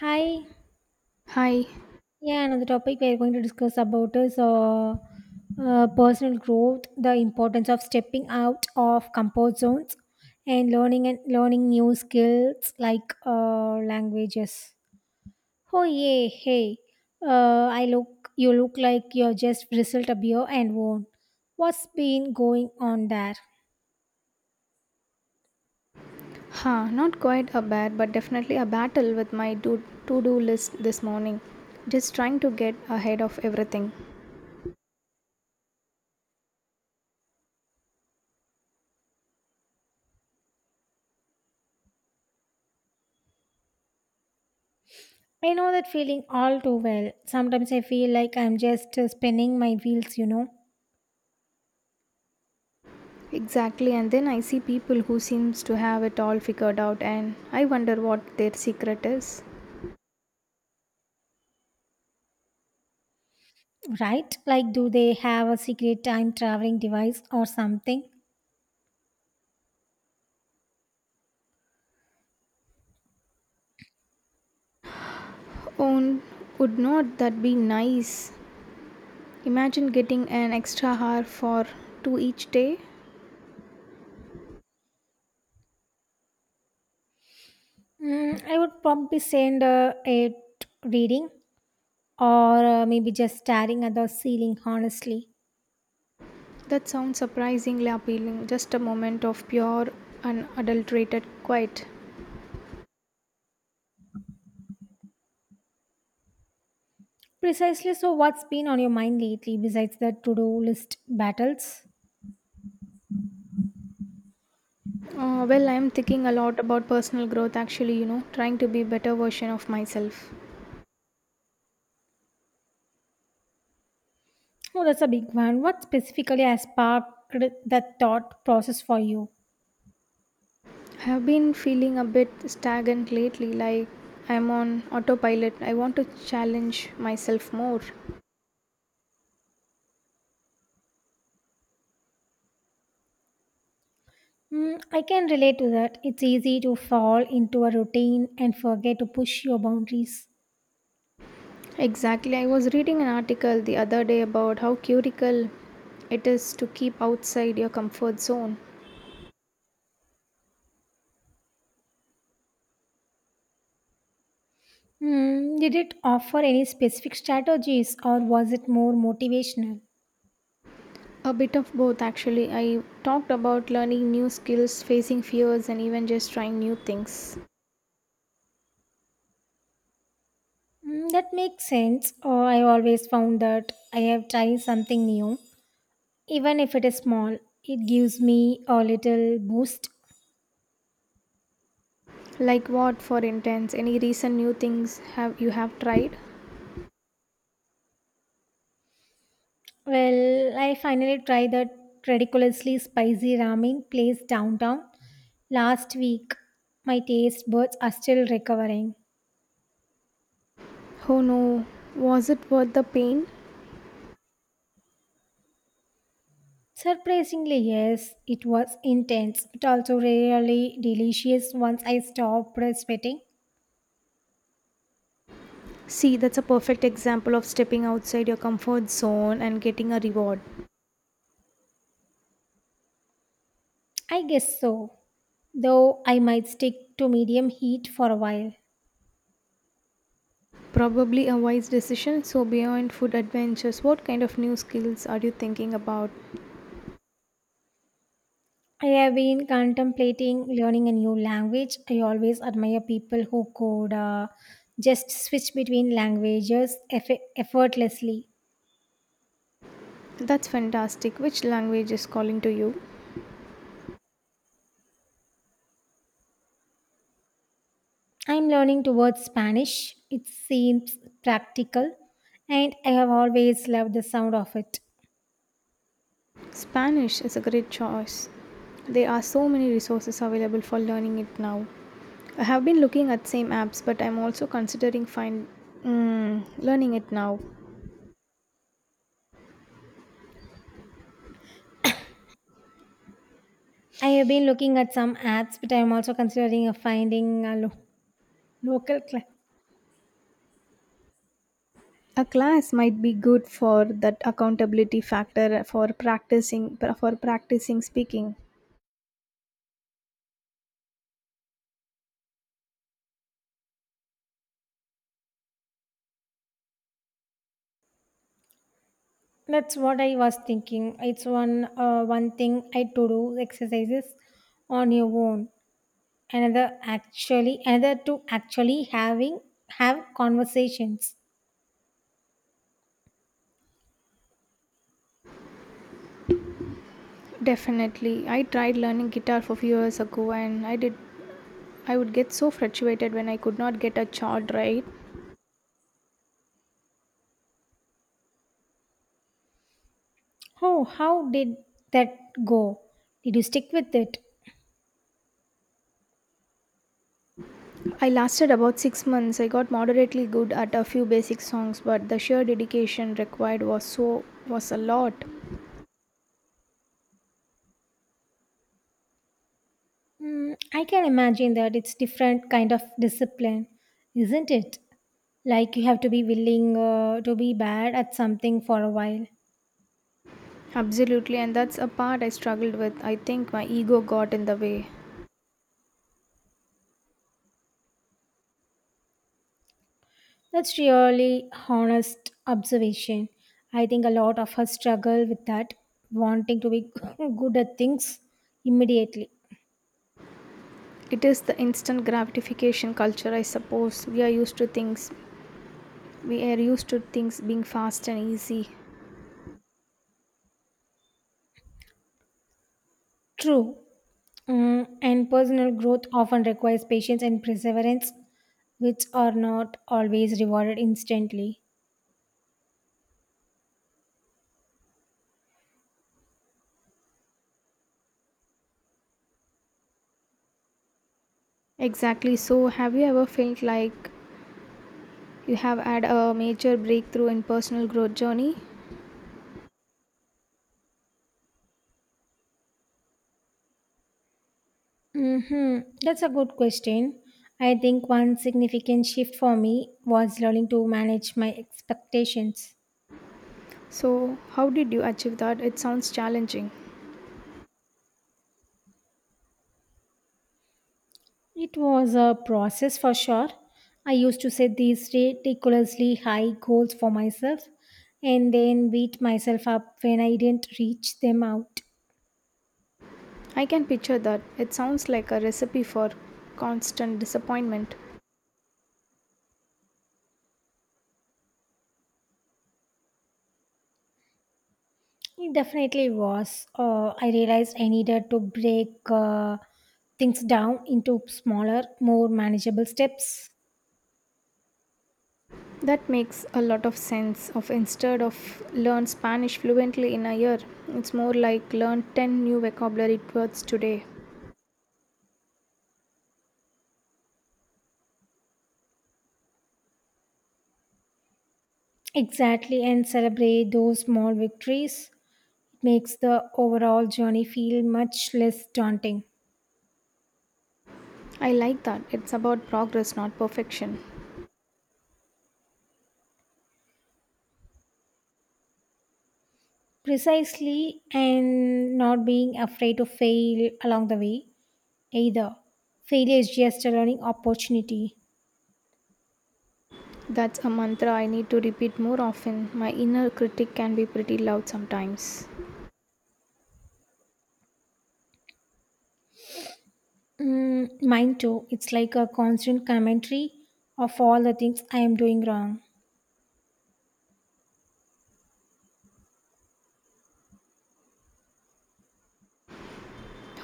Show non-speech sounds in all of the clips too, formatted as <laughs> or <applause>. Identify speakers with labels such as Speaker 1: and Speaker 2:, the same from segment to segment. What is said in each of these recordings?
Speaker 1: Hi.
Speaker 2: Hi,
Speaker 1: Yeah, another topic we are going to discuss about is personal growth, the importance of stepping out of comfort zones, and learning new skills like languages. Oh yeah, hey, I look you look like you're just bristled a beer and worn. What's been going on there?
Speaker 2: not quite a bad, but definitely a battle with my to-do list this morning. Just trying to get ahead of everything.
Speaker 1: I know that feeling all too well. Sometimes I feel like I'm just spinning my wheels.
Speaker 2: Exactly, and then I see people who seems to have it all figured out and I wonder what their secret is.
Speaker 1: Right? Like, do they have a secret time traveling device or something?
Speaker 2: Oh, would not that be nice? Imagine getting an extra hour for two each day.
Speaker 1: Mm, I would probably send it reading or maybe just staring at the ceiling, honestly.
Speaker 2: That sounds surprisingly appealing. Just a moment of pure unadulterated quiet.
Speaker 1: Precisely. So, what's been on your mind lately besides the to do list battles?
Speaker 2: Well, I'm thinking a lot about personal growth actually, trying to be better version of myself.
Speaker 1: Oh, that's a big one. What specifically has sparked that thought process for you?
Speaker 2: I have been feeling a bit stagnant lately, like I'm on autopilot. I want to challenge myself more.
Speaker 1: Mm, I can relate to that. It's easy to fall into a routine and forget to push your boundaries.
Speaker 2: Exactly. I was reading an article the other day about how critical it is to keep outside your comfort zone.
Speaker 1: Hmm, did it offer any specific strategies or was it more motivational?
Speaker 2: A bit of both actually. I talked about learning new skills, facing fears, and even just trying new things.
Speaker 1: Mm, that makes sense. Oh, I always found that I have tried something new, even if it is small, it gives me a little boost.
Speaker 2: Like what, for instance? Any recent new things have you have tried?
Speaker 1: Well, I finally tried that ridiculously spicy ramen place downtown last week. My taste buds are still recovering.
Speaker 2: Oh no, was it worth the pain?
Speaker 1: Surprisingly, yes, it was intense, but also really delicious once I stopped sweating.
Speaker 2: See, that's a perfect example of stepping outside your comfort zone and getting a reward.
Speaker 1: I guess so, though I might stick to medium heat for a while.
Speaker 2: Probably a wise decision. So, beyond food adventures, what kind of new skills are you thinking about?
Speaker 1: I have been contemplating learning a new language. I always admire people who could just switch between languages effortlessly.
Speaker 2: That's fantastic. Which language is calling to you?
Speaker 1: I'm learning towards Spanish, it seems practical, and I have always loved the sound of it.
Speaker 2: Spanish is a great choice. There are so many resources available for learning it now. I have been looking at same apps, but I'm also considering learning it now.
Speaker 1: I have been looking at some ads, but I am also considering finding a local club.
Speaker 2: A class might be good for that accountability factor for practicing speaking.
Speaker 1: That's what I was thinking. It's one thing I to do exercises on your own. Another actually, another to actually having have conversations.
Speaker 2: Definitely, I tried learning guitar for few years ago, and I did. I would get so frustrated when I could not get a chord right.
Speaker 1: Oh, how did that go? Did you stick with it?
Speaker 2: I lasted about 6 months. I got moderately good at a few basic songs, but the sheer dedication required was a lot.
Speaker 1: Mm, I can imagine that it's different kind of discipline, isn't it? Like you have to be willing to be bad at something for a while.
Speaker 2: Absolutely, and that's a part I struggled with. I think my ego got in the way.
Speaker 1: That's really honest observation. I think a lot of us struggle with that, wanting to be <laughs> good at things immediately.
Speaker 2: It is the instant gratification culture, I suppose. We are used to things we are used to things being fast and easy.
Speaker 1: True. Mm, and personal growth often requires patience and perseverance, which are not always rewarded instantly.
Speaker 2: Exactly. So have you ever felt like you have had a major breakthrough in personal growth journey?
Speaker 1: Hmm, that's a good question. I think one significant shift for me was learning to manage my expectations.
Speaker 2: So how did you achieve that? It sounds challenging.
Speaker 1: It was a process for sure. I used to set these ridiculously high goals for myself and then beat myself up when I didn't reach them out.
Speaker 2: I can picture that. It sounds like a recipe for constant disappointment.
Speaker 1: It definitely was. I realized I needed to break things down into smaller, more manageable steps.
Speaker 2: That makes a lot of sense of instead of learn Spanish fluently in a year, it's more like learn 10 new vocabulary words today.
Speaker 1: Exactly, and celebrate those small victories. It makes the overall journey feel much less daunting.
Speaker 2: I like that. It's about progress, not perfection.
Speaker 1: Precisely, and not being afraid to fail along the way either. Failure is just a learning opportunity.
Speaker 2: That's a mantra I need to repeat more often. My inner critic can be pretty loud sometimes.
Speaker 1: Mm, mine too. It's like a constant commentary of all the things I am doing wrong.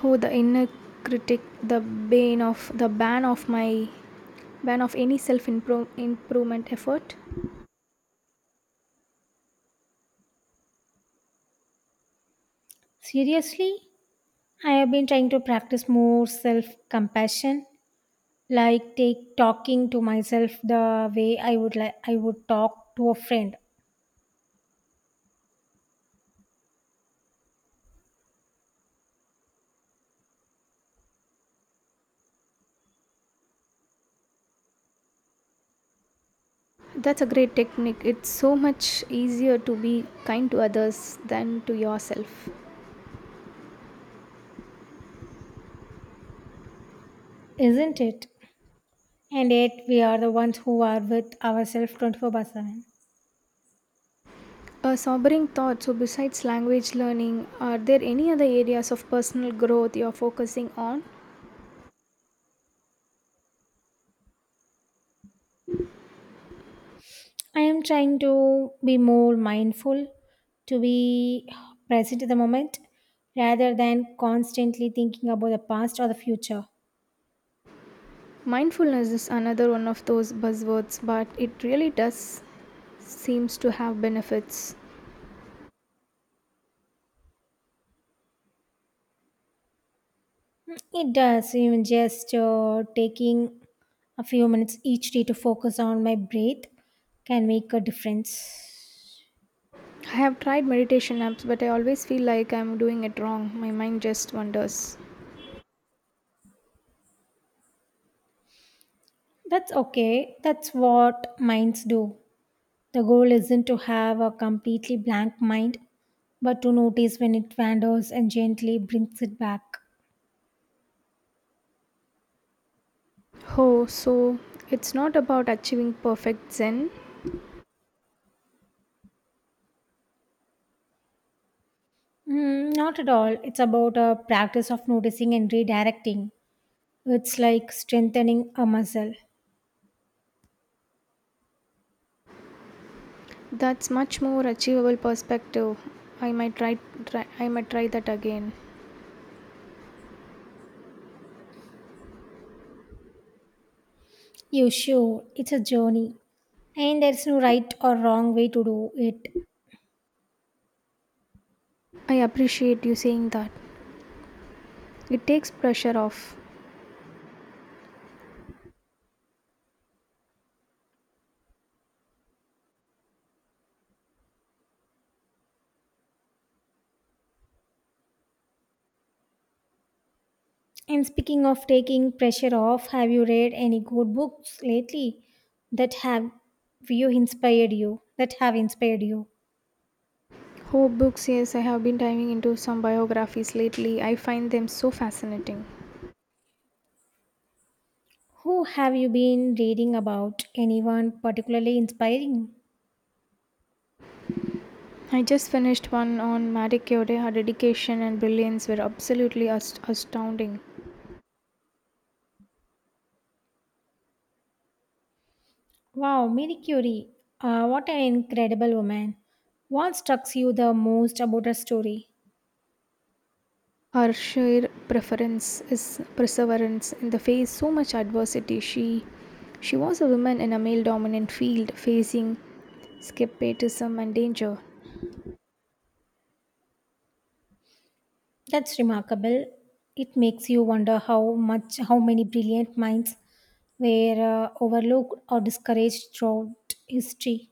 Speaker 2: Oh, the inner critic, the bane of the ban of my ban of any self improvement effort.
Speaker 1: Seriously, I have been trying to practice more self compassion, like take talking to myself the way I would talk to a friend,
Speaker 2: That's a great technique. It's so much easier to be kind to others than to yourself.
Speaker 1: isn't it? And yet we are the ones who are with ourselves 24 by 7.
Speaker 2: A sobering thought. So, besides language learning, are there any other areas of personal growth you're focusing on?
Speaker 1: I am trying to be more mindful, to be present in the moment rather than constantly thinking about the past or the future.
Speaker 2: Mindfulness is another one of those buzzwords, but it really does seems to have benefits.
Speaker 1: Mm, it does, even just taking a few minutes each day to focus on my breath can make a difference.
Speaker 2: I have tried meditation apps, but I always feel like I'm doing it wrong. My mind just wanders.
Speaker 1: That's okay. That's what minds do. The goal isn't to have a completely blank mind, but to notice when it wanders and gently brings it back.
Speaker 2: Oh, so it's not about achieving perfect zen.
Speaker 1: Mm, not at all. It's about a practice of noticing and redirecting. It's like strengthening a muscle.
Speaker 2: That's much more achievable perspective. I might try, I might try that again.
Speaker 1: You sure, it's a journey. And there's no right or wrong way to do it.
Speaker 2: I appreciate you saying that. It takes pressure off.
Speaker 1: And speaking of taking pressure off, have you read any good books lately that have inspired you?
Speaker 2: Oh, books, yes, I have been diving into some biographies lately. I find them so fascinating.
Speaker 1: Who have you been reading about? Anyone particularly inspiring?
Speaker 2: I just finished one on Marie Curie. Her dedication and brilliance were absolutely astounding.
Speaker 1: Wow, Marie Curie. What an incredible woman. What struck you the most about her story?
Speaker 2: Her sheer preference is perseverance in the face so much adversity. She was a woman in a male dominant field facing skepticism and danger.
Speaker 1: That's remarkable. It makes you wonder how many brilliant minds were overlooked or discouraged throughout history.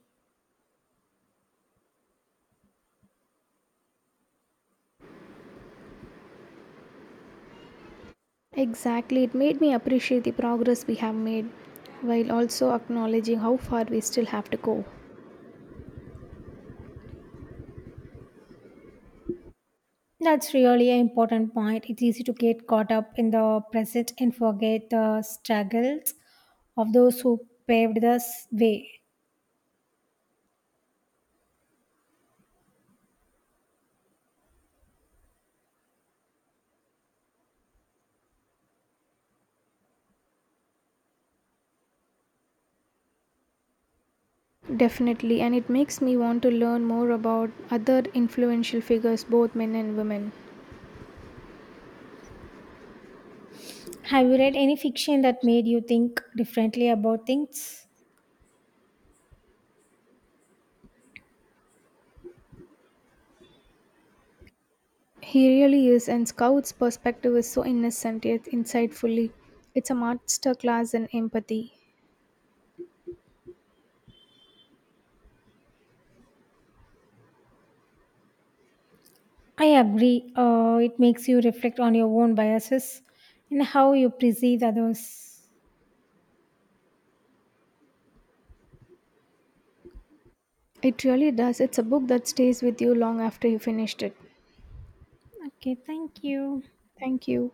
Speaker 2: Exactly, it made me appreciate the progress we have made while also acknowledging how far we still have to go.
Speaker 1: That's really an important point. It's easy to get caught up in the present and forget the struggles of those who paved the way.
Speaker 2: Definitely, and it makes me want to learn more about other influential figures, both men and women.
Speaker 1: Have you read any fiction that made you think differently about things?
Speaker 2: He really is, and Scout's perspective is so innocent yet insightfully. It's a masterclass in empathy.
Speaker 1: I agree. It makes you reflect on your own biases and how you perceive others.
Speaker 2: It really does. It's a book that stays with you long after you finished it.
Speaker 1: Okay, thank you.
Speaker 2: Thank you.